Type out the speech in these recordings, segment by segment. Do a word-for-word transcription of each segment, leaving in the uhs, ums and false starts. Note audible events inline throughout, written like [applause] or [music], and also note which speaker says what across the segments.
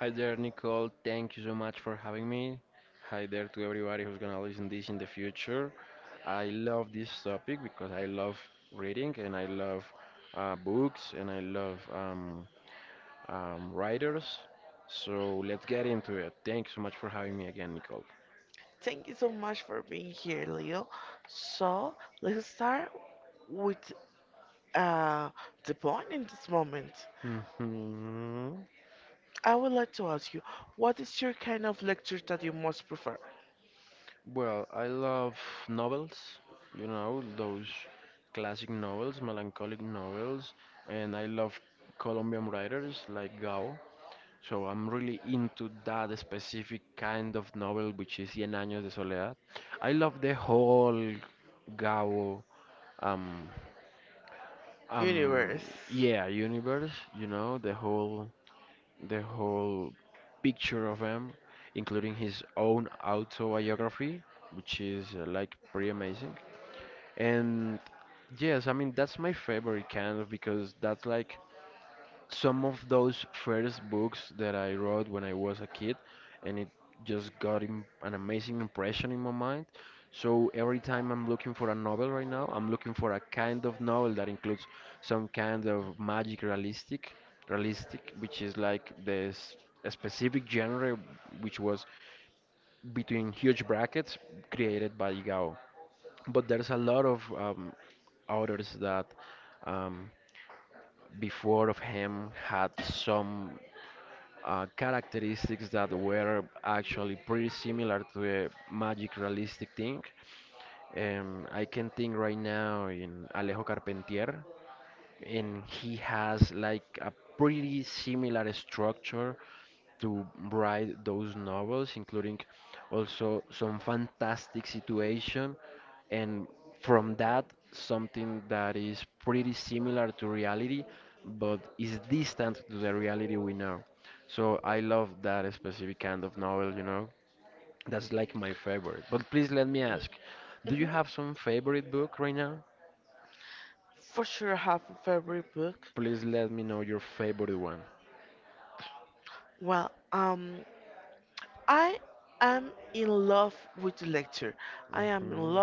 Speaker 1: Hi there, Nicole. Thank you so much for having me. Hi there to everybody who's gonna listen this in the future. I love this topic because I love reading and I love uh, books and I love um, um, writers. So let's get into it. Thank you so much for having me again, Nicole. Mhm. Well, I love novels, you know, those classic novels, melancholic novels, and I love Colombian writers like Gao. So I'm really into that specific kind of novel, which is Cien Años de Soledad. I love the whole Gao, um, um, yeah, universe. You know, the whole, the whole picture of him, including his own autobiography, which is uh, like pretty amazing. And yes, I mean that's my favorite kind of because that's like some of those first books that I wrote when I was a kid, and it just got im an amazing impression in my mind. So every time I'm looking for a novel right now, I'm looking for a kind of novel that includes some kind of magic realistic, realistic, which is like this a specific genre, which was between huge brackets created by Gao. But there's a lot of um, authors that um, before of him had some uh, characteristics that were actually pretty similar to the magic realistic thing. Um, I can think right now in Alejo Carpentier and he has like a pretty similar structure to write those novels, including also some fantastic situation, and from that something that is pretty similar to reality, but is distant to the reality we know. So I love that specific kind of novel, you know. That's like my favorite. But please let me ask, do you have some favorite book right now? Please let me know your favorite one. Hmm,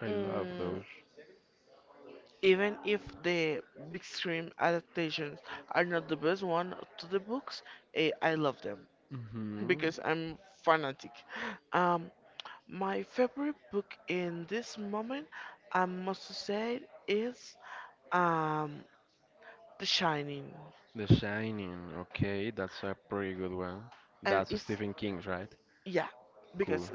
Speaker 1: I love those. Hmm. The Shining. Okay, that's a pretty good one. That's Stephen King's, right? Cool.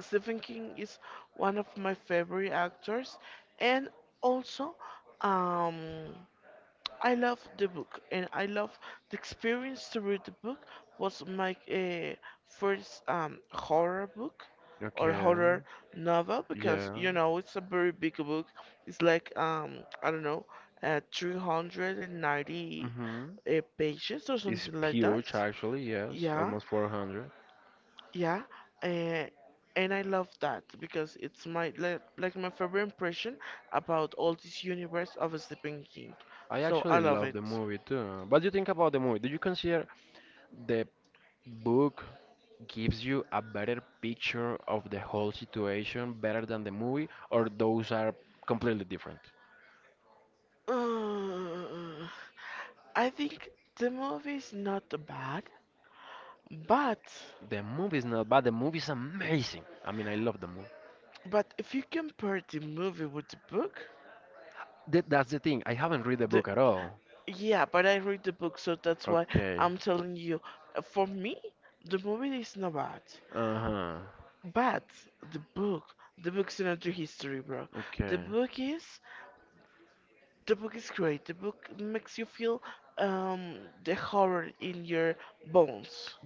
Speaker 1: Okay. Yeah. Hmm. It's huge, actually. Yes, almost four hundred. I actually love the movie too. What do you think about the movie? Do you consider the book gives you a better picture of the whole situation better than the movie, or those are completely different? The movie's not bad. The movie's amazing. I mean, I love the movie. Th- that's the thing. I haven't read the book at all. Okay. Uh huh. Okay.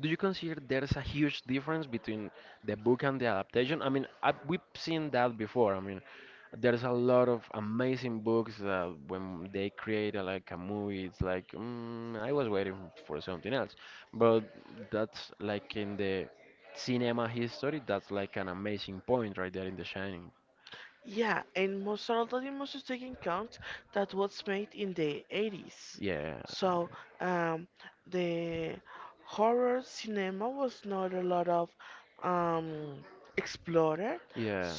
Speaker 1: Do you consider there's a huge difference between the book and the adaptation? I mean, I, we've seen that before. I mean, there's a lot of amazing books that when they create a, like a movie, it's like mm, I was waiting for something else. But that's like in the cinema history. That's like an amazing point right there in The Shining. Yeah, yeah,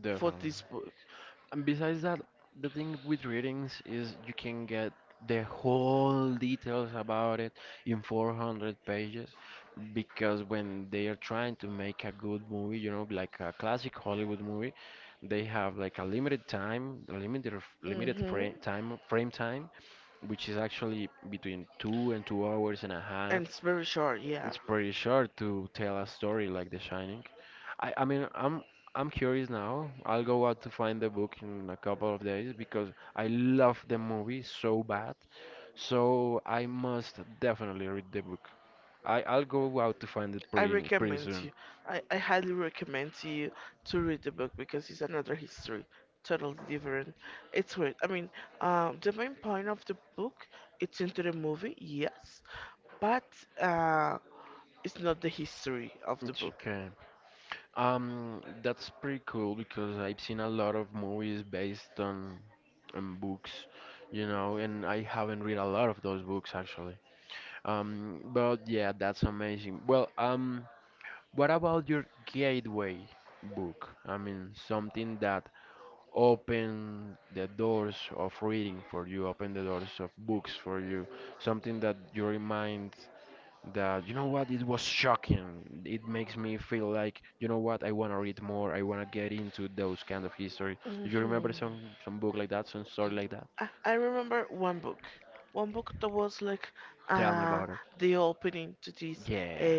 Speaker 1: definitely. And besides that, the thing with readings is you can get the whole details about it in four hundred pages because when they are trying to make a good movie, you know, like a classic Hollywood movie, they have like a limited time, a limited of- limited frame time, frame time, which is actually between two and two hours and a half. It's pretty short to tell a story like The Shining. I, I mean, I'm I'm curious now. I'll go out to find the book in a couple of days because I love the movie so bad. So I must definitely read the book. I, I'll go out to find it pretty pretty soon. It's okay. Um, that's pretty cool because I've seen a lot of movies based on on books, you know, and I haven't read a lot of those books actually. Um, but yeah, that's amazing. Well, um, what about your gateway book? I mean, something that opened the doors of reading for you, opened the doors of books for you, something that you remind that, you know what, it was shocking. It makes me feel like, you know what, I want to read more, I want to get into those kind of history. Do you remember some some book like that, some story like that? Tell me about it. Yeah.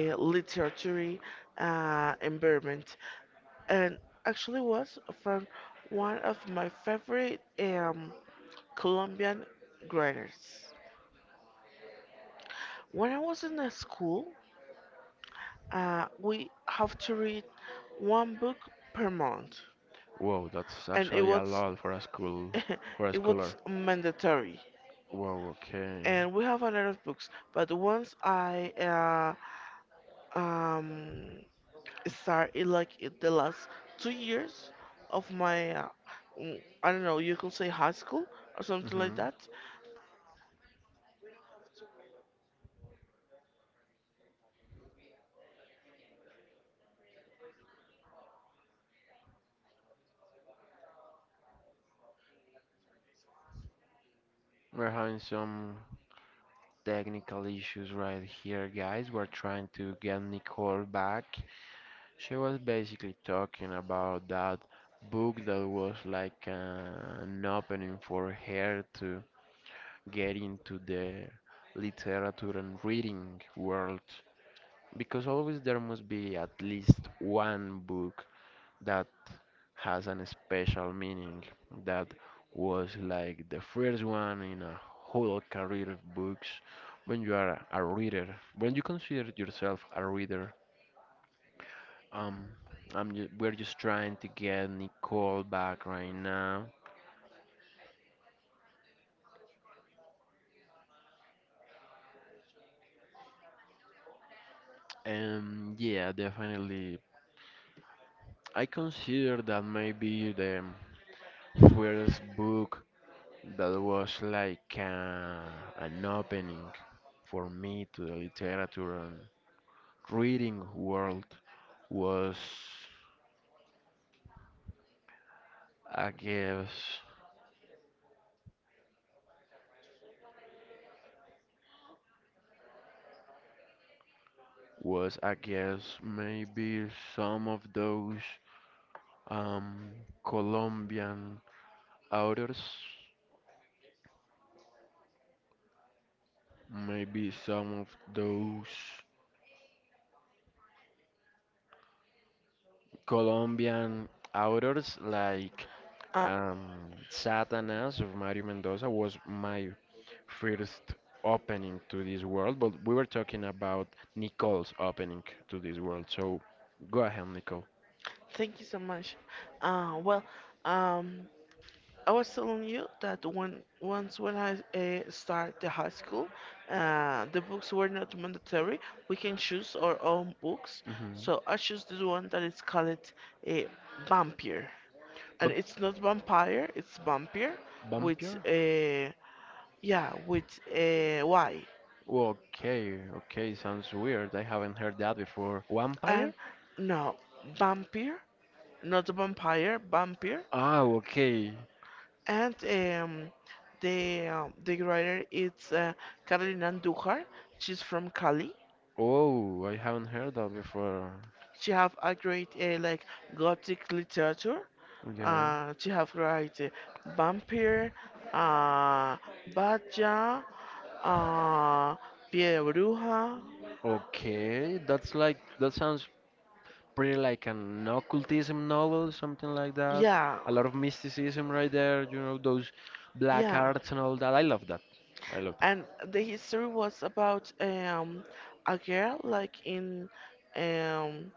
Speaker 1: Whoa, that's actually a lot for a school for a schooler. Whoa, okay. Hmm. We're having some technical issues right here, guys. We're trying to get Nicole back. She was basically talking about that book that was like uh, an opening for her to get into the literature and reading world. Because always there must be at least one book that has an special meaning that was like the first one in a whole career of books when you are a reader, when you consider yourself a reader. um I'm ju- we're just trying to get Nicole back right now, and yeah, definitely I consider that maybe the first book that was like uh, an opening for me to the literature reading world was, I guess, was I guess maybe some of those um Colombian authors, maybe some of those Colombian authors like um Satanas of Mario Mendoza was my first opening to this world, but we were talking about Nicole's opening to this world. So go ahead, Nicole.
Speaker 2: Thank you so much. Uh, well, um, I was telling you that when once when I uh, start the high school. Uh, the books were not mandatory. We can choose our own books.
Speaker 1: Hmm.
Speaker 2: So I choose this one that is called a vampire,
Speaker 1: But
Speaker 2: and it's not vampire, it's vampire with
Speaker 1: vampire?
Speaker 2: a yeah with a Y.
Speaker 1: Well, okay, okay, sounds weird. I haven't heard that before.
Speaker 2: And
Speaker 1: Vampire?
Speaker 2: no, vampire, not vampire, vampire.
Speaker 1: Oh, okay.
Speaker 2: And um, the um, The writer is uh, Carolina Andújar. She's from Cali.
Speaker 1: Oh, I haven't heard that before.
Speaker 2: She have a great uh, like gothic literature.
Speaker 1: Yeah.
Speaker 2: Uh, she have write uh, vampire, uh, Batya, uh, Pie de Bruja.
Speaker 1: Okay, that's like, that sounds pretty like an occultism novel, something like that.
Speaker 2: Yeah,
Speaker 1: A lot of mysticism right there, you know, those black
Speaker 2: yeah.
Speaker 1: arts and all that. I love that. I love that.
Speaker 2: and the history was about um, a girl like in um,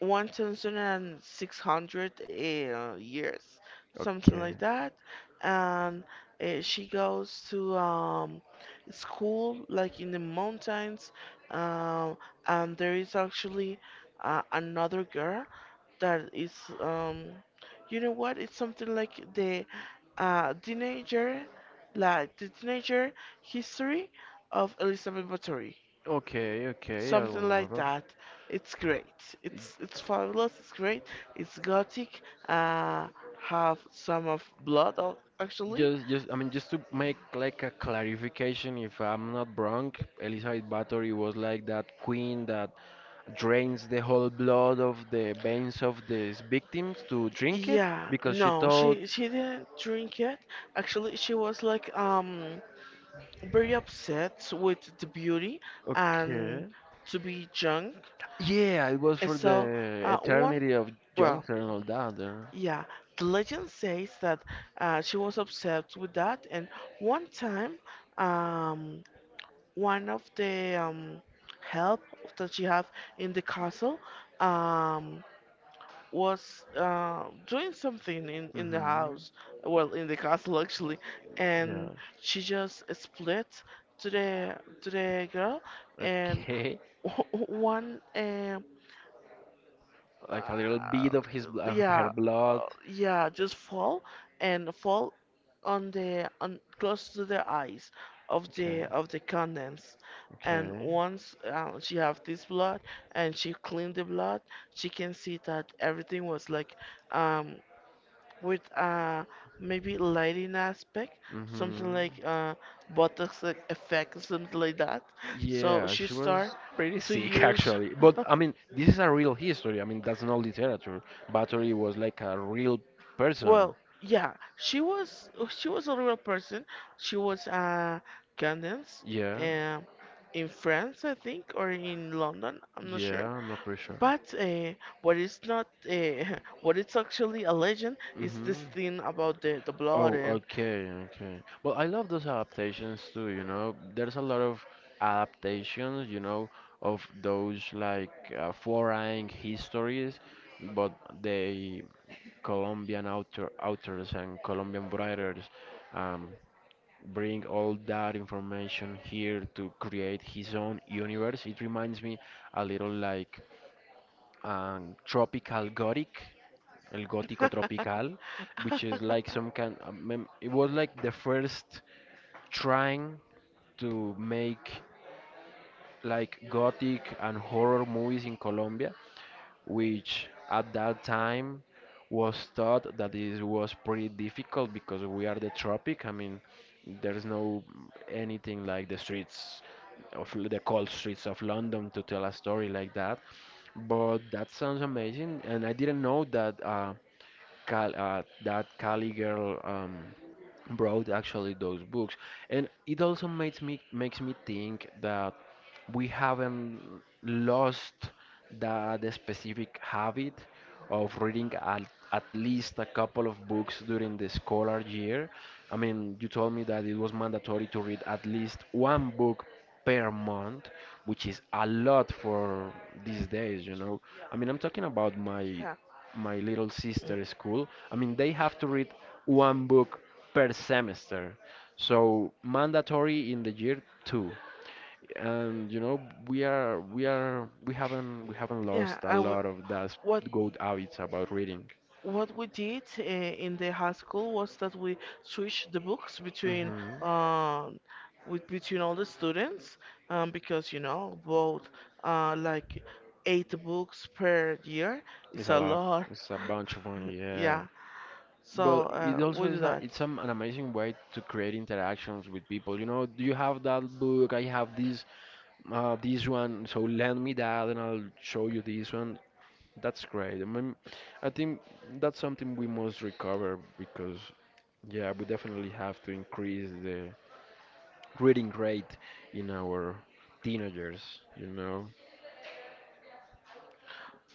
Speaker 2: one thousand six hundred uh, years, something
Speaker 1: Okay.
Speaker 2: like that. And uh, She goes to um, school like in the mountains, um, and there is actually uh, another girl that is um you know what it's something like the uh teenager like the teenager history of Elizabeth Báthory,
Speaker 1: Okay, okay, I will
Speaker 2: something like
Speaker 1: not.
Speaker 2: that. It's great, it's it's fabulous, it's great, it's gothic. uh have some of blood al- actually.
Speaker 1: Just, just, I mean, just to make like a clarification, if I'm not wrong, Elizabeth Bathory was like that queen that drains the whole blood of the veins of these victims to drink it
Speaker 2: Yeah,
Speaker 1: because she
Speaker 2: no,
Speaker 1: thought,
Speaker 2: she she didn't drink it. Actually, she was like um very upset with the beauty and
Speaker 1: okay,
Speaker 2: to be drunk.
Speaker 1: yeah, it was
Speaker 2: And
Speaker 1: for
Speaker 2: so
Speaker 1: the
Speaker 2: uh one
Speaker 1: eternity of
Speaker 2: well,
Speaker 1: youngster and all that. Uh,
Speaker 2: Yeah, the legend says that uh she was upset with that. And one time, um one of the um help that she have in the castle, um was uh, doing something in, in the
Speaker 1: mm-hmm.
Speaker 2: house, well, in the castle actually, and
Speaker 1: Yes.
Speaker 2: she just split to the to the girl, and
Speaker 1: Okay.
Speaker 2: [laughs] w- one um
Speaker 1: Like a little
Speaker 2: uh,
Speaker 1: bit of his blood, of her
Speaker 2: yeah
Speaker 1: blood.
Speaker 2: uh, yeah, just fall and fall on the on close to the eyes of
Speaker 1: Okay.
Speaker 2: the of the condens. And
Speaker 1: Okay.
Speaker 2: once uh, she have this blood and she cleaned the blood, she can see that everything was like um with uh maybe lighting aspect, something
Speaker 1: Mm-hmm.
Speaker 2: like uh Botox e- effect, something like that. So
Speaker 1: Yeah,
Speaker 2: she
Speaker 1: she
Speaker 2: start
Speaker 1: was pretty
Speaker 2: to
Speaker 1: sick [laughs]
Speaker 2: use,
Speaker 1: actually. But I mean, this is a real history. I mean, that's not literature. Bathory was like a real person.
Speaker 2: well, yeah, she was she was a real person. She was uh condensed
Speaker 1: Yeah,
Speaker 2: um in France, I think, or in London. I'm not
Speaker 1: yeah,
Speaker 2: sure.
Speaker 1: I'm not pretty sure.
Speaker 2: But uh, what is not uh, [laughs] what is actually a legend is this
Speaker 1: Mm-hmm.
Speaker 2: thing about the, the blood
Speaker 1: Oh,
Speaker 2: and
Speaker 1: okay, okay. Well, I love those adaptations too, you know. There's a lot of adaptations, you know, of those like uh, foreign histories, but they Colombian author authors and Colombian writers um, bring all that information here to create his own universe. It reminds me a little like um, tropical gothic, el gótico tropical,
Speaker 2: [laughs]
Speaker 1: which is like some kind. uh, mem- It was like the first trying to make like gothic and horror movies in Colombia, which at that time was thought that it was pretty difficult because we are the tropic. I mean, there's no anything like the streets of L- the cold streets of London to tell a story like that. But that sounds amazing, and I didn't know that uh, Cal uh, that Cali girl um, brought actually those books, and it also makes me makes me think that we haven't lost that specific habit of reading at, at least a couple of books during the scholar year. I mean, you told me that it was mandatory to read at least one book per month, which is a lot for these days, you know. I mean, I'm talking about my
Speaker 2: yeah,
Speaker 1: my little sister's school. I mean, they have to read one book per semester. So, mandatory in the year two, and you know we are we are we haven't we haven't lost
Speaker 2: yeah.
Speaker 1: a
Speaker 2: I w
Speaker 1: lot of that
Speaker 2: what
Speaker 1: good habits about reading.
Speaker 2: what we did uh, in the high school was that we switched the books between
Speaker 1: Hmm.
Speaker 2: um with between all the students, um, because you know both uh, like eight books per year,
Speaker 1: It's
Speaker 2: it's
Speaker 1: a
Speaker 2: a
Speaker 1: lot.
Speaker 2: lot.
Speaker 1: It's a bunch of
Speaker 2: [laughs]
Speaker 1: money, yeah,
Speaker 2: Yeah, so
Speaker 1: but
Speaker 2: uh,
Speaker 1: it
Speaker 2: we
Speaker 1: also
Speaker 2: do
Speaker 1: is a,
Speaker 2: that.
Speaker 1: it's um, an amazing way to create interactions with people. You know, do you have that book? I have this uh, this one, so lend me that and I'll show you this one. That's great. I mean, I think that's something we must recover because yeah, we definitely have to increase the reading rate in our teenagers, you know.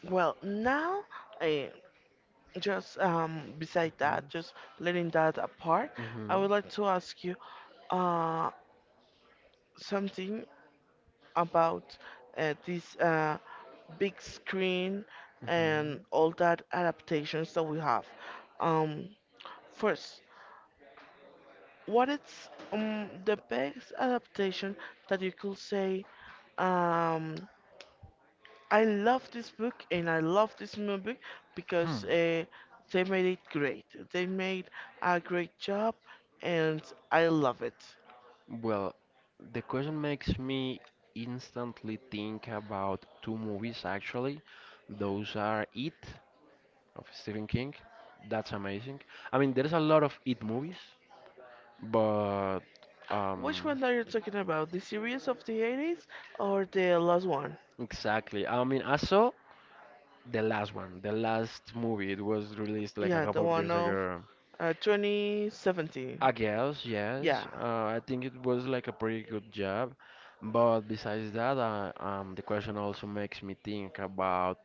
Speaker 2: Well, now, uh, just um, beside that, just letting that apart,
Speaker 1: Mm-hmm.
Speaker 2: I would like to ask you uh, something about uh, this uh, big screen and
Speaker 1: Hmm.
Speaker 2: all that adaptations that we have. Um, first, what is um, the best adaptation that you could say? um I love this book and I love this movie
Speaker 1: Hmm.
Speaker 2: because uh, they made it great. They made a great job, and I love it.
Speaker 1: Well, the question makes me instantly think about two movies actually. Those are It of Stephen King. That's amazing. I mean, there's a lot of It movies, but
Speaker 2: Which
Speaker 1: um,
Speaker 2: one are you talking about? The series of the eighties or the last one?
Speaker 1: exactly. I mean, I saw the last one, the last movie. It was released like a
Speaker 2: Yeah, the
Speaker 1: couple of
Speaker 2: one
Speaker 1: years
Speaker 2: of
Speaker 1: ago.
Speaker 2: uh, twenty seventeen.
Speaker 1: I guess, yes.
Speaker 2: Yeah,
Speaker 1: Uh, I think it was like a pretty good job. But besides that, uh, um, the question also makes me think about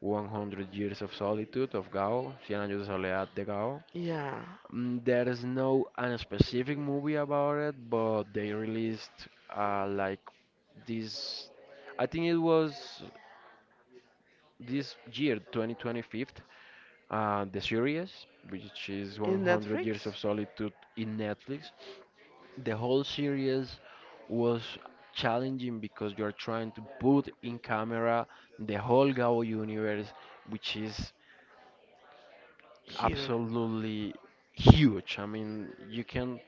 Speaker 1: one hundred Years of Solitude of Gao, Cien años de soledad de Gao.
Speaker 2: yeah.
Speaker 1: Mm, there is no an specific movie about it, but they released uh, like this, I think it was this year, twenty twenty-five, uh, the series, which is
Speaker 2: In
Speaker 1: one hundred Years
Speaker 2: Netflix?
Speaker 1: of Solitude in Netflix. The whole series was challenging because you're trying to put in camera the whole Gao universe, which is
Speaker 2: Here.
Speaker 1: absolutely huge. I mean, you can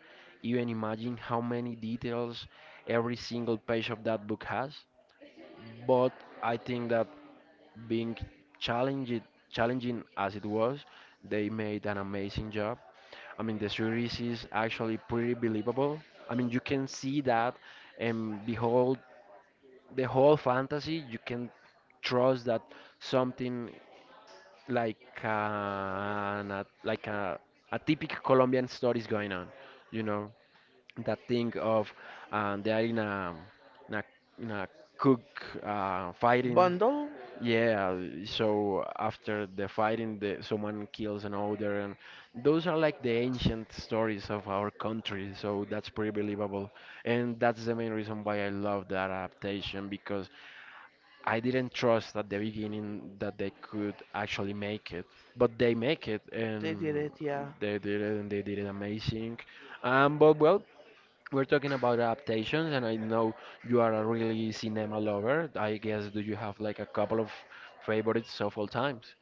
Speaker 1: even imagine how many details every single page of that book has. But I think that being challenged, challenging as it was, they made an amazing job. I mean, the series is actually pretty believable. I mean, you can see that and behold the whole fantasy. You can trust that something like an, a, like a, a typical Colombian story is going on. You know, that thing of uh, they are in a, in a, in a cook uh, fighting.
Speaker 2: Bundle?
Speaker 1: Yeah, so after the fighting, the, someone kills another, and those are like the ancient stories of our country, so that's pretty believable. And that's the main reason why I love that adaptation because I didn't trust at the beginning that they could actually make it, but they make it,
Speaker 2: They did
Speaker 1: and
Speaker 2: it, yeah.
Speaker 1: they did it, and they did it amazing. Um, but well, we're talking about adaptations, and I know you are a really cinema lover. I guess, do you have like a couple of favorites of all times?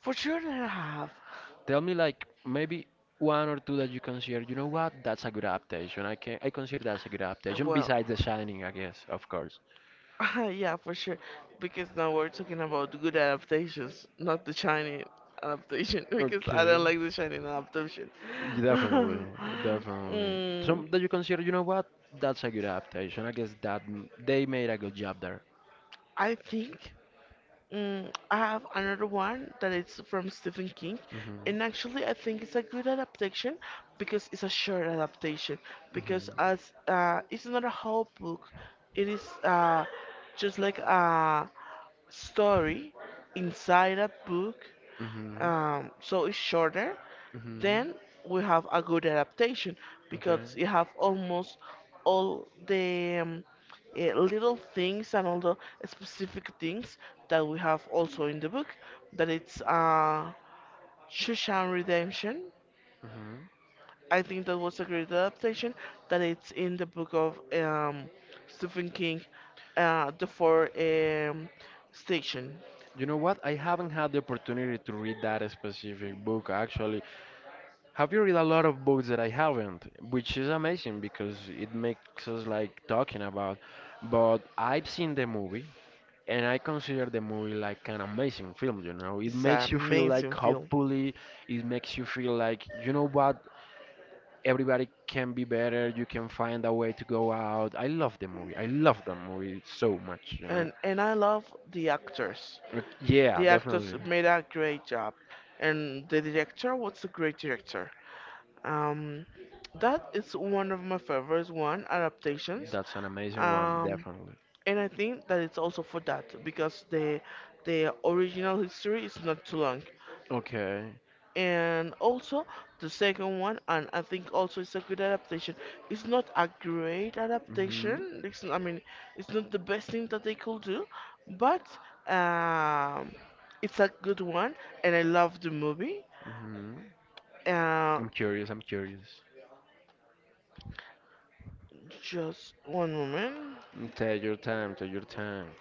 Speaker 2: For sure I have.
Speaker 1: Tell me like maybe one or two that you consider, you know what, that's a good adaptation. I can I consider that's a good adaptation
Speaker 2: Well,
Speaker 1: besides The Shining, I guess, of course.
Speaker 2: [laughs] yeah, for sure. Because now we're talking about good adaptations, not the Chinese adaptation. [laughs] Because I
Speaker 1: Okay.
Speaker 2: don't like the Chinese adaptation.
Speaker 1: Y-
Speaker 2: [laughs]
Speaker 1: Definitely, definitely.
Speaker 2: mm,
Speaker 1: Some that you consider, you know what, that's a good adaptation. I guess that m- they made a good job there.
Speaker 2: I think mm, I have another one that it's from Stephen King,
Speaker 1: Mhm.
Speaker 2: and actually I think it's a good adaptation because it's a short adaptation. Because
Speaker 1: Mhm.
Speaker 2: as uh, it's not a whole book, it is uh, just like a story inside a book,
Speaker 1: Mhm.
Speaker 2: um, so it's shorter,
Speaker 1: Mhm.
Speaker 2: then we have a good adaptation
Speaker 1: Okay.
Speaker 2: because you have almost all the um, eh, little things and all the specific things that we have also in the book, that it's uh, Shushan Redemption.
Speaker 1: Mhm.
Speaker 2: I think that was a great adaptation that it's in the book of um, Stephen King, uh, the four um, station.
Speaker 1: You know what? I haven't had the opportunity to read that specific book actually. Have you read a lot of books that I haven't, which is amazing because it makes us like talking about. But I've seen the movie and I consider the movie like an amazing film, you know. It
Speaker 2: It's
Speaker 1: makes
Speaker 2: an
Speaker 1: you feel like,
Speaker 2: amazing film,
Speaker 1: hopefully, it makes you feel like, you know what, everybody can be better, you can find a way to go out. I love the movie. I love the movie so much, you know.
Speaker 2: and and I love the actors.
Speaker 1: Uh, Yeah,
Speaker 2: The actors
Speaker 1: definitely.
Speaker 2: made a great job, and the director was a great director. Um, that is one of my favorites. One adaptations.
Speaker 1: That's an amazing one,
Speaker 2: Um,
Speaker 1: definitely.
Speaker 2: and I think that it's also for that because the the original history is not too long.
Speaker 1: Okay.
Speaker 2: And also the second one, and I think also it's a good adaptation, it's not a great
Speaker 1: Mm-hmm.
Speaker 2: adaptation, it's, I mean, it's not the best thing that they could do, but um, it's a good one, and I love the movie
Speaker 1: Mm-hmm. I'm curious. I'm curious. Mm, Take your time. Take your time.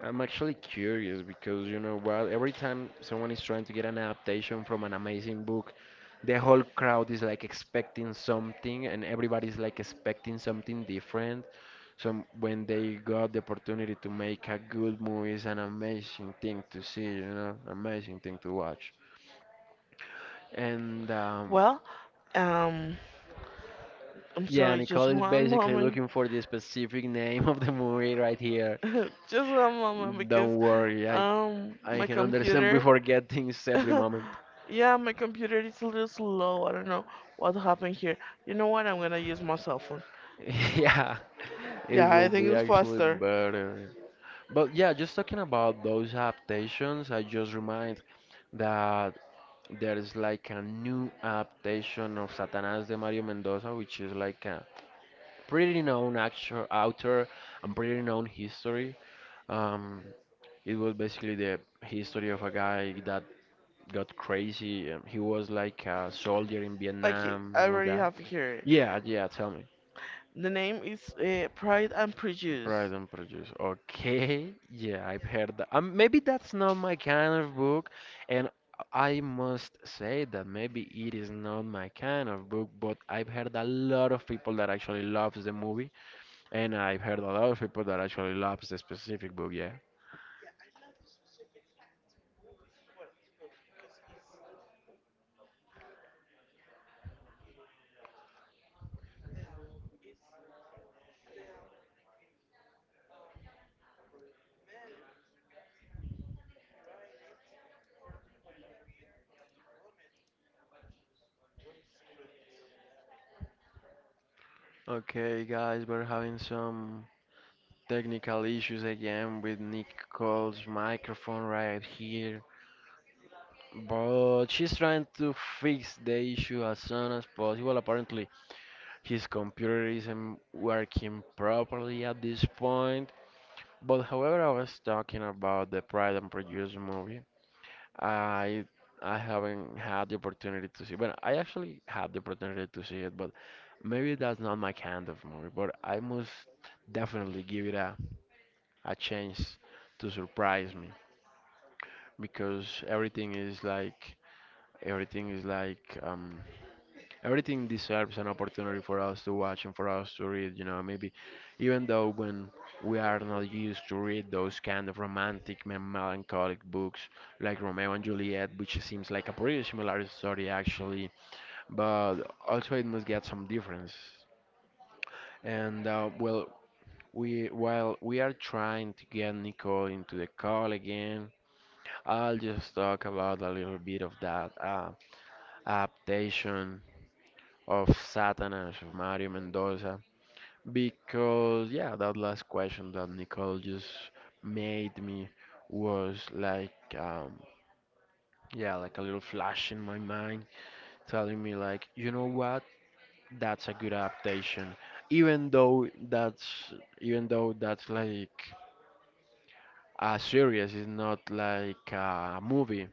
Speaker 1: I'm actually curious because, you know what? Every time someone is trying to get an adaptation from an amazing book, the whole crowd is like expecting something, and everybody's like expecting something different. So when they got the opportunity to make a good movie, it's an amazing thing to see. You know, amazing thing to watch. And um, yeah, Nicole is basically looking for the specific name of the movie right here. Don't worry, I I can understand. We forget things every moment. [laughs] Yeah, it will be actually better. But yeah, just talking about those adaptations, I just remind that there is like a new adaptation of Satanás de Mario Mendoza, which is like a pretty known actor, author and pretty known history. Um, it was basically the history of a guy that got crazy. Um, he was like a soldier in Vietnam and all that. Yeah, yeah, tell me. Pride and Prejudice. Okay, [laughs] yeah, I've heard that. Um, maybe that's not my kind of book, and I must say that maybe it is not my kind of book, but I've heard a lot of people that actually loves the movie, and I've heard a lot of people that actually loves the specific book, yeah. Okay, guys, we're having some technical issues again with Nicole's microphone right here. But she's trying to fix the issue as soon as possible. Apparently, his computer isn't working properly at this point. But however, I was talking about the Pride and Prejudice movie. I I haven't had the opportunity to see. Well, I actually had the opportunity to see it, but maybe that's not my kind of movie. But I must definitely give it a a chance to surprise me because everything is like everything is like um everything deserves an opportunity for us to watch and for us to read, you know. Maybe even though when we are not used to read those kind of romantic and melancholic books like Romeo and Juliet, which seems like a pretty similar story actually, but also it must get some difference. And uh, well, we while we are trying to get Nicole into the call again, I'll just talk about a little bit of that uh, adaptation of Satanas of Mario Mendoza. Because, yeah, that last question that Nicole just made me was like, um, yeah, like a little flash in my mind telling me, like, you know what? That's a good adaptation. Even though that's, Even though that's like a series, it's not like a movie.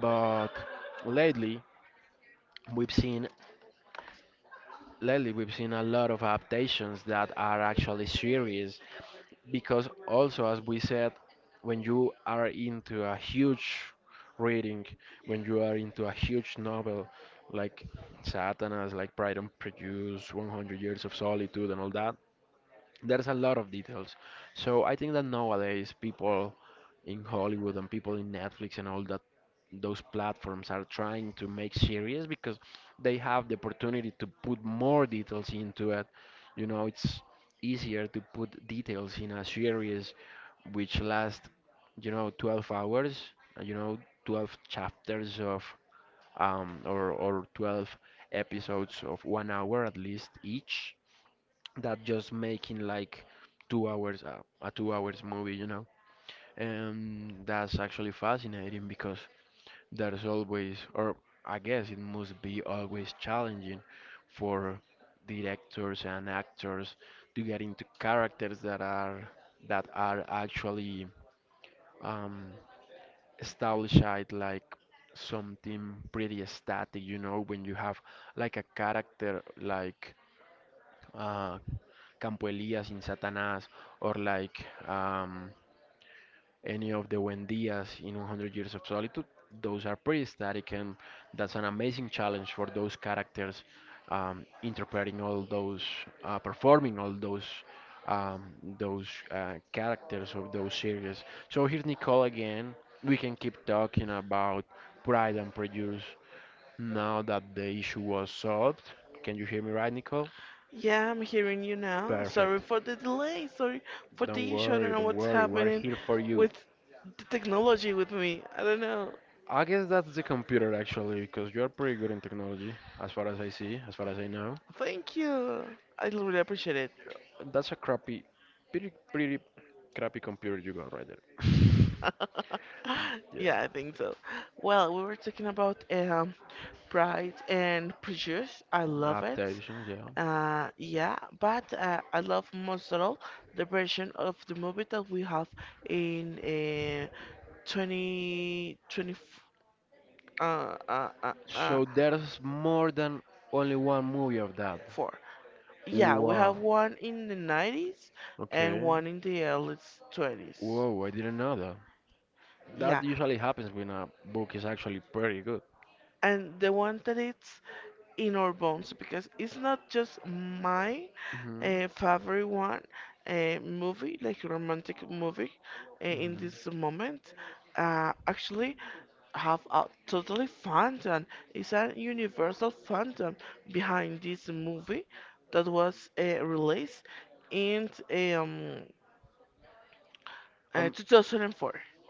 Speaker 1: But lately, we've seen, lately, we've seen a lot of adaptations that are actually series because, also, as we said, when you are into a huge reading when you are into a huge novel like Satanas, like Pride and Prejudice, one hundred Years of Solitude and all that, there's a lot of details. So I think that nowadays people in Hollywood and people in Netflix and all that, those platforms are trying to make series because they have the opportunity to put more details into it. You know, it's easier to put details in a series which last, you know, twelve hours, uh, you know, twelve chapters of um or or twelve episodes of one hour at least each, that just making like two hours, uh, a two hours movie, you know. And that's actually fascinating because there's always, or I guess it must be always challenging for directors and actors to get into characters that are that are actually um established, like something pretty static, you know. When you have like a character like uh, Campo Elías in Satanás, or like um, any of the Wendias in one hundred Years of Solitude. Those are pretty static, and that's an amazing challenge for those characters, um, interpreting all those, uh, performing all those. Um, those uh, characters of those series. So here's Nicole again. We can keep talking about Pride and Prejudice now that the issue was solved. Can you hear me right, Nicole? Perfect. Don't worry, don't worry, we're here for you. I guess that's the computer actually, because you're pretty good in technology, as far as I see, as far as I know. That's a crappy, pretty, pretty crappy computer you got right there. [laughs] Yeah, adaptations, yeah. So there's more than only one movie of that. Wow, okay. Whoa, I didn't know that. That usually happens when a book is actually pretty good. Hmm. Hmm. Um,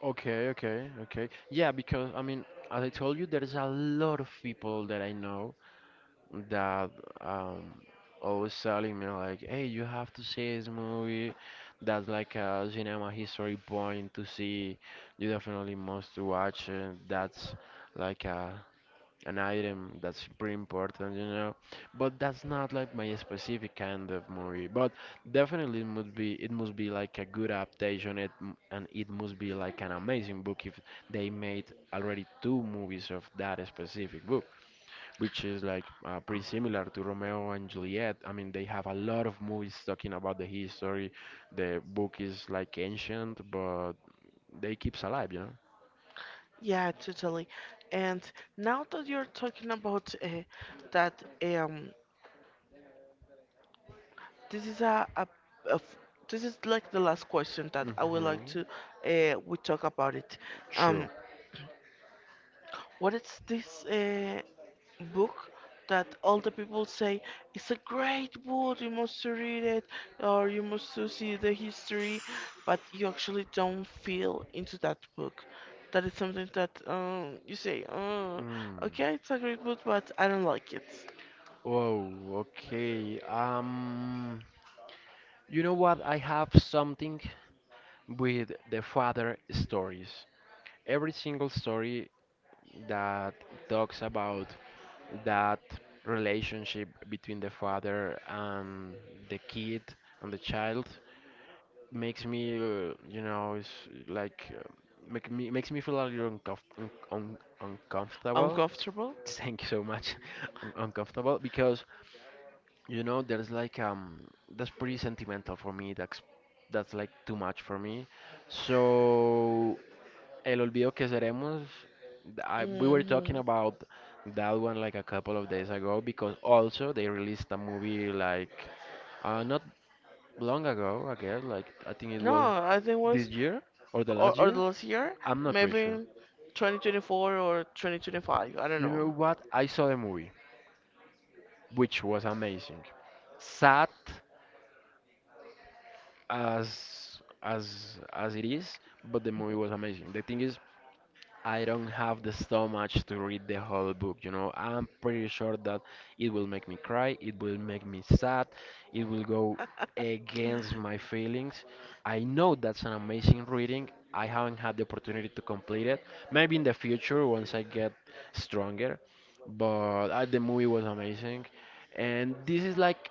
Speaker 1: Okay, okay, okay. Yeah, because, I mean, as I told you, there's a lot of people that I know that um always telling me like, "Hey, you have to see this movie. That's like a cinema history point to see. You definitely must watch it. That's like a an item that's pretty important, you know." But that's not like my specific kind of movie. But definitely it must be, it must be like a good adaptation, it m- and it must be like an amazing book if they made already two movies of that specific book, which is like uh, pretty similar to Romeo and Juliet. I mean, they have a lot of movies talking about the history. The book is like ancient, but they keeps alive, you know. Mhm. Sure. Mm. Whoa, okay. Um, you know what? I have something with the father stories. Every single story that talks about that relationship between the father and the kid and the child makes me, uh, you know, it's like uh, make me makes me feel a little uncomf un un uncomfortable. [laughs] Thank you so much, [laughs] un uncomfortable because. You know, there's like um that's pretty sentimental for me. That's that's like too much for me. So El Olvido que Seremos, th- I, we were talking about that one like a couple of days ago because also they released a movie like uh not long ago, I guess, like I think it was this year or the last year. I'm not pretty sure. You know what? I saw the movie, which was amazing. Sad as as as it is, but the movie was amazing. The thing is, I don't have the stomach to read the whole book, you know. I'm pretty sure that it will make me cry, it will make me sad, it will go against my feelings. I know that's an amazing reading. I haven't had the opportunity to complete it. Maybe in the future once I get stronger, but uh, the movie was amazing. And this is like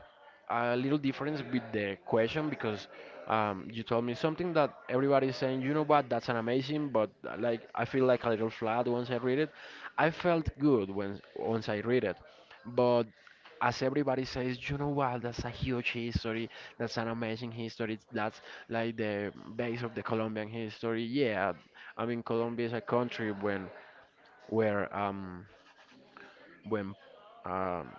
Speaker 1: a little difference with the question because um, you told me something that everybody's saying, you know what, that's an amazing, but uh, like I feel like a little flat once I read it. I felt good when once I read it, but as everybody says, you know what, that's a huge history, that's an amazing history, that's like the base of the Colombian history. Yeah, I mean, Colombia is a country when where um when um,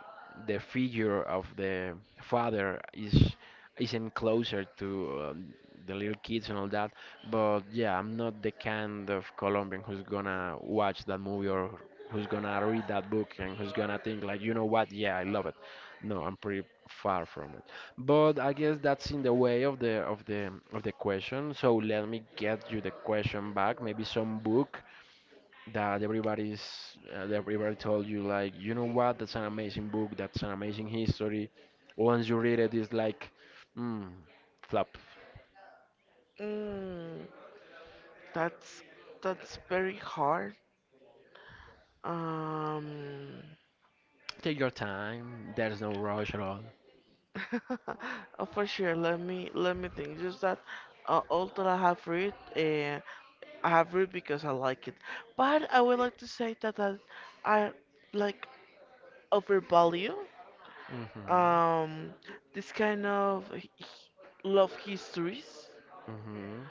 Speaker 1: the figure of the father is isn't closer to um, the little kids and all that. But yeah, I'm not the kind of Colombian who's gonna watch that movie or who's gonna read that book and who's gonna think like, you know what? Yeah, I love it. No, I'm pretty far from it. But I guess that's in the way of the of the of the question. So let me get you the question back. Maybe some book that everybody's uh, that everybody told you like, you know what, that's an amazing book, that's an amazing history, once you read it it's like mm, flop. Take your time, there's no rush at all. Hmm. Hmm.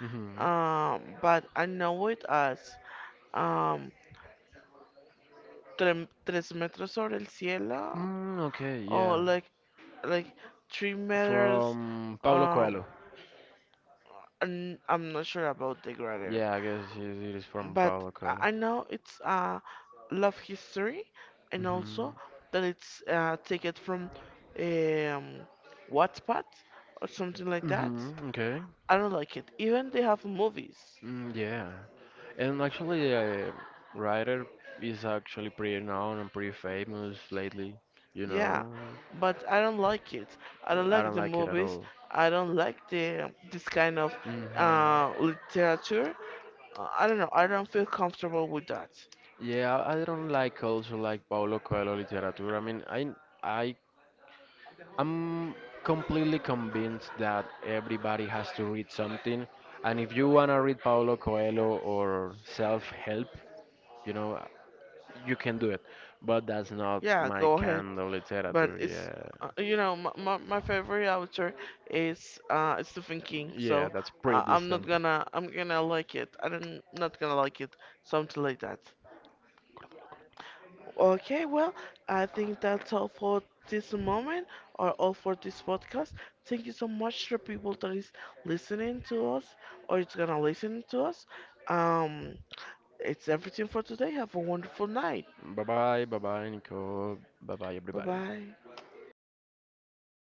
Speaker 1: Hmm. Mm, okay, yeah. From Paulo Coelho. Yeah, I guess it it is from Paulo Coelho. Hmm. Hmm. Okay. Mm, yeah. And actually, uh, Ryder is actually pretty known and pretty famous lately. You know, I don't like it at all. Hmm. Yeah, I don't like also like Paulo Coelho literature. I mean, I I I'm completely convinced that everybody has to read something, and if you wanna read Paulo Coelho or self-help, you know, you can do it. But that's not my kind of literature. Yeah, yeah, that's pretty distant. Bye bye, bye bye, Nico. Bye bye, everybody.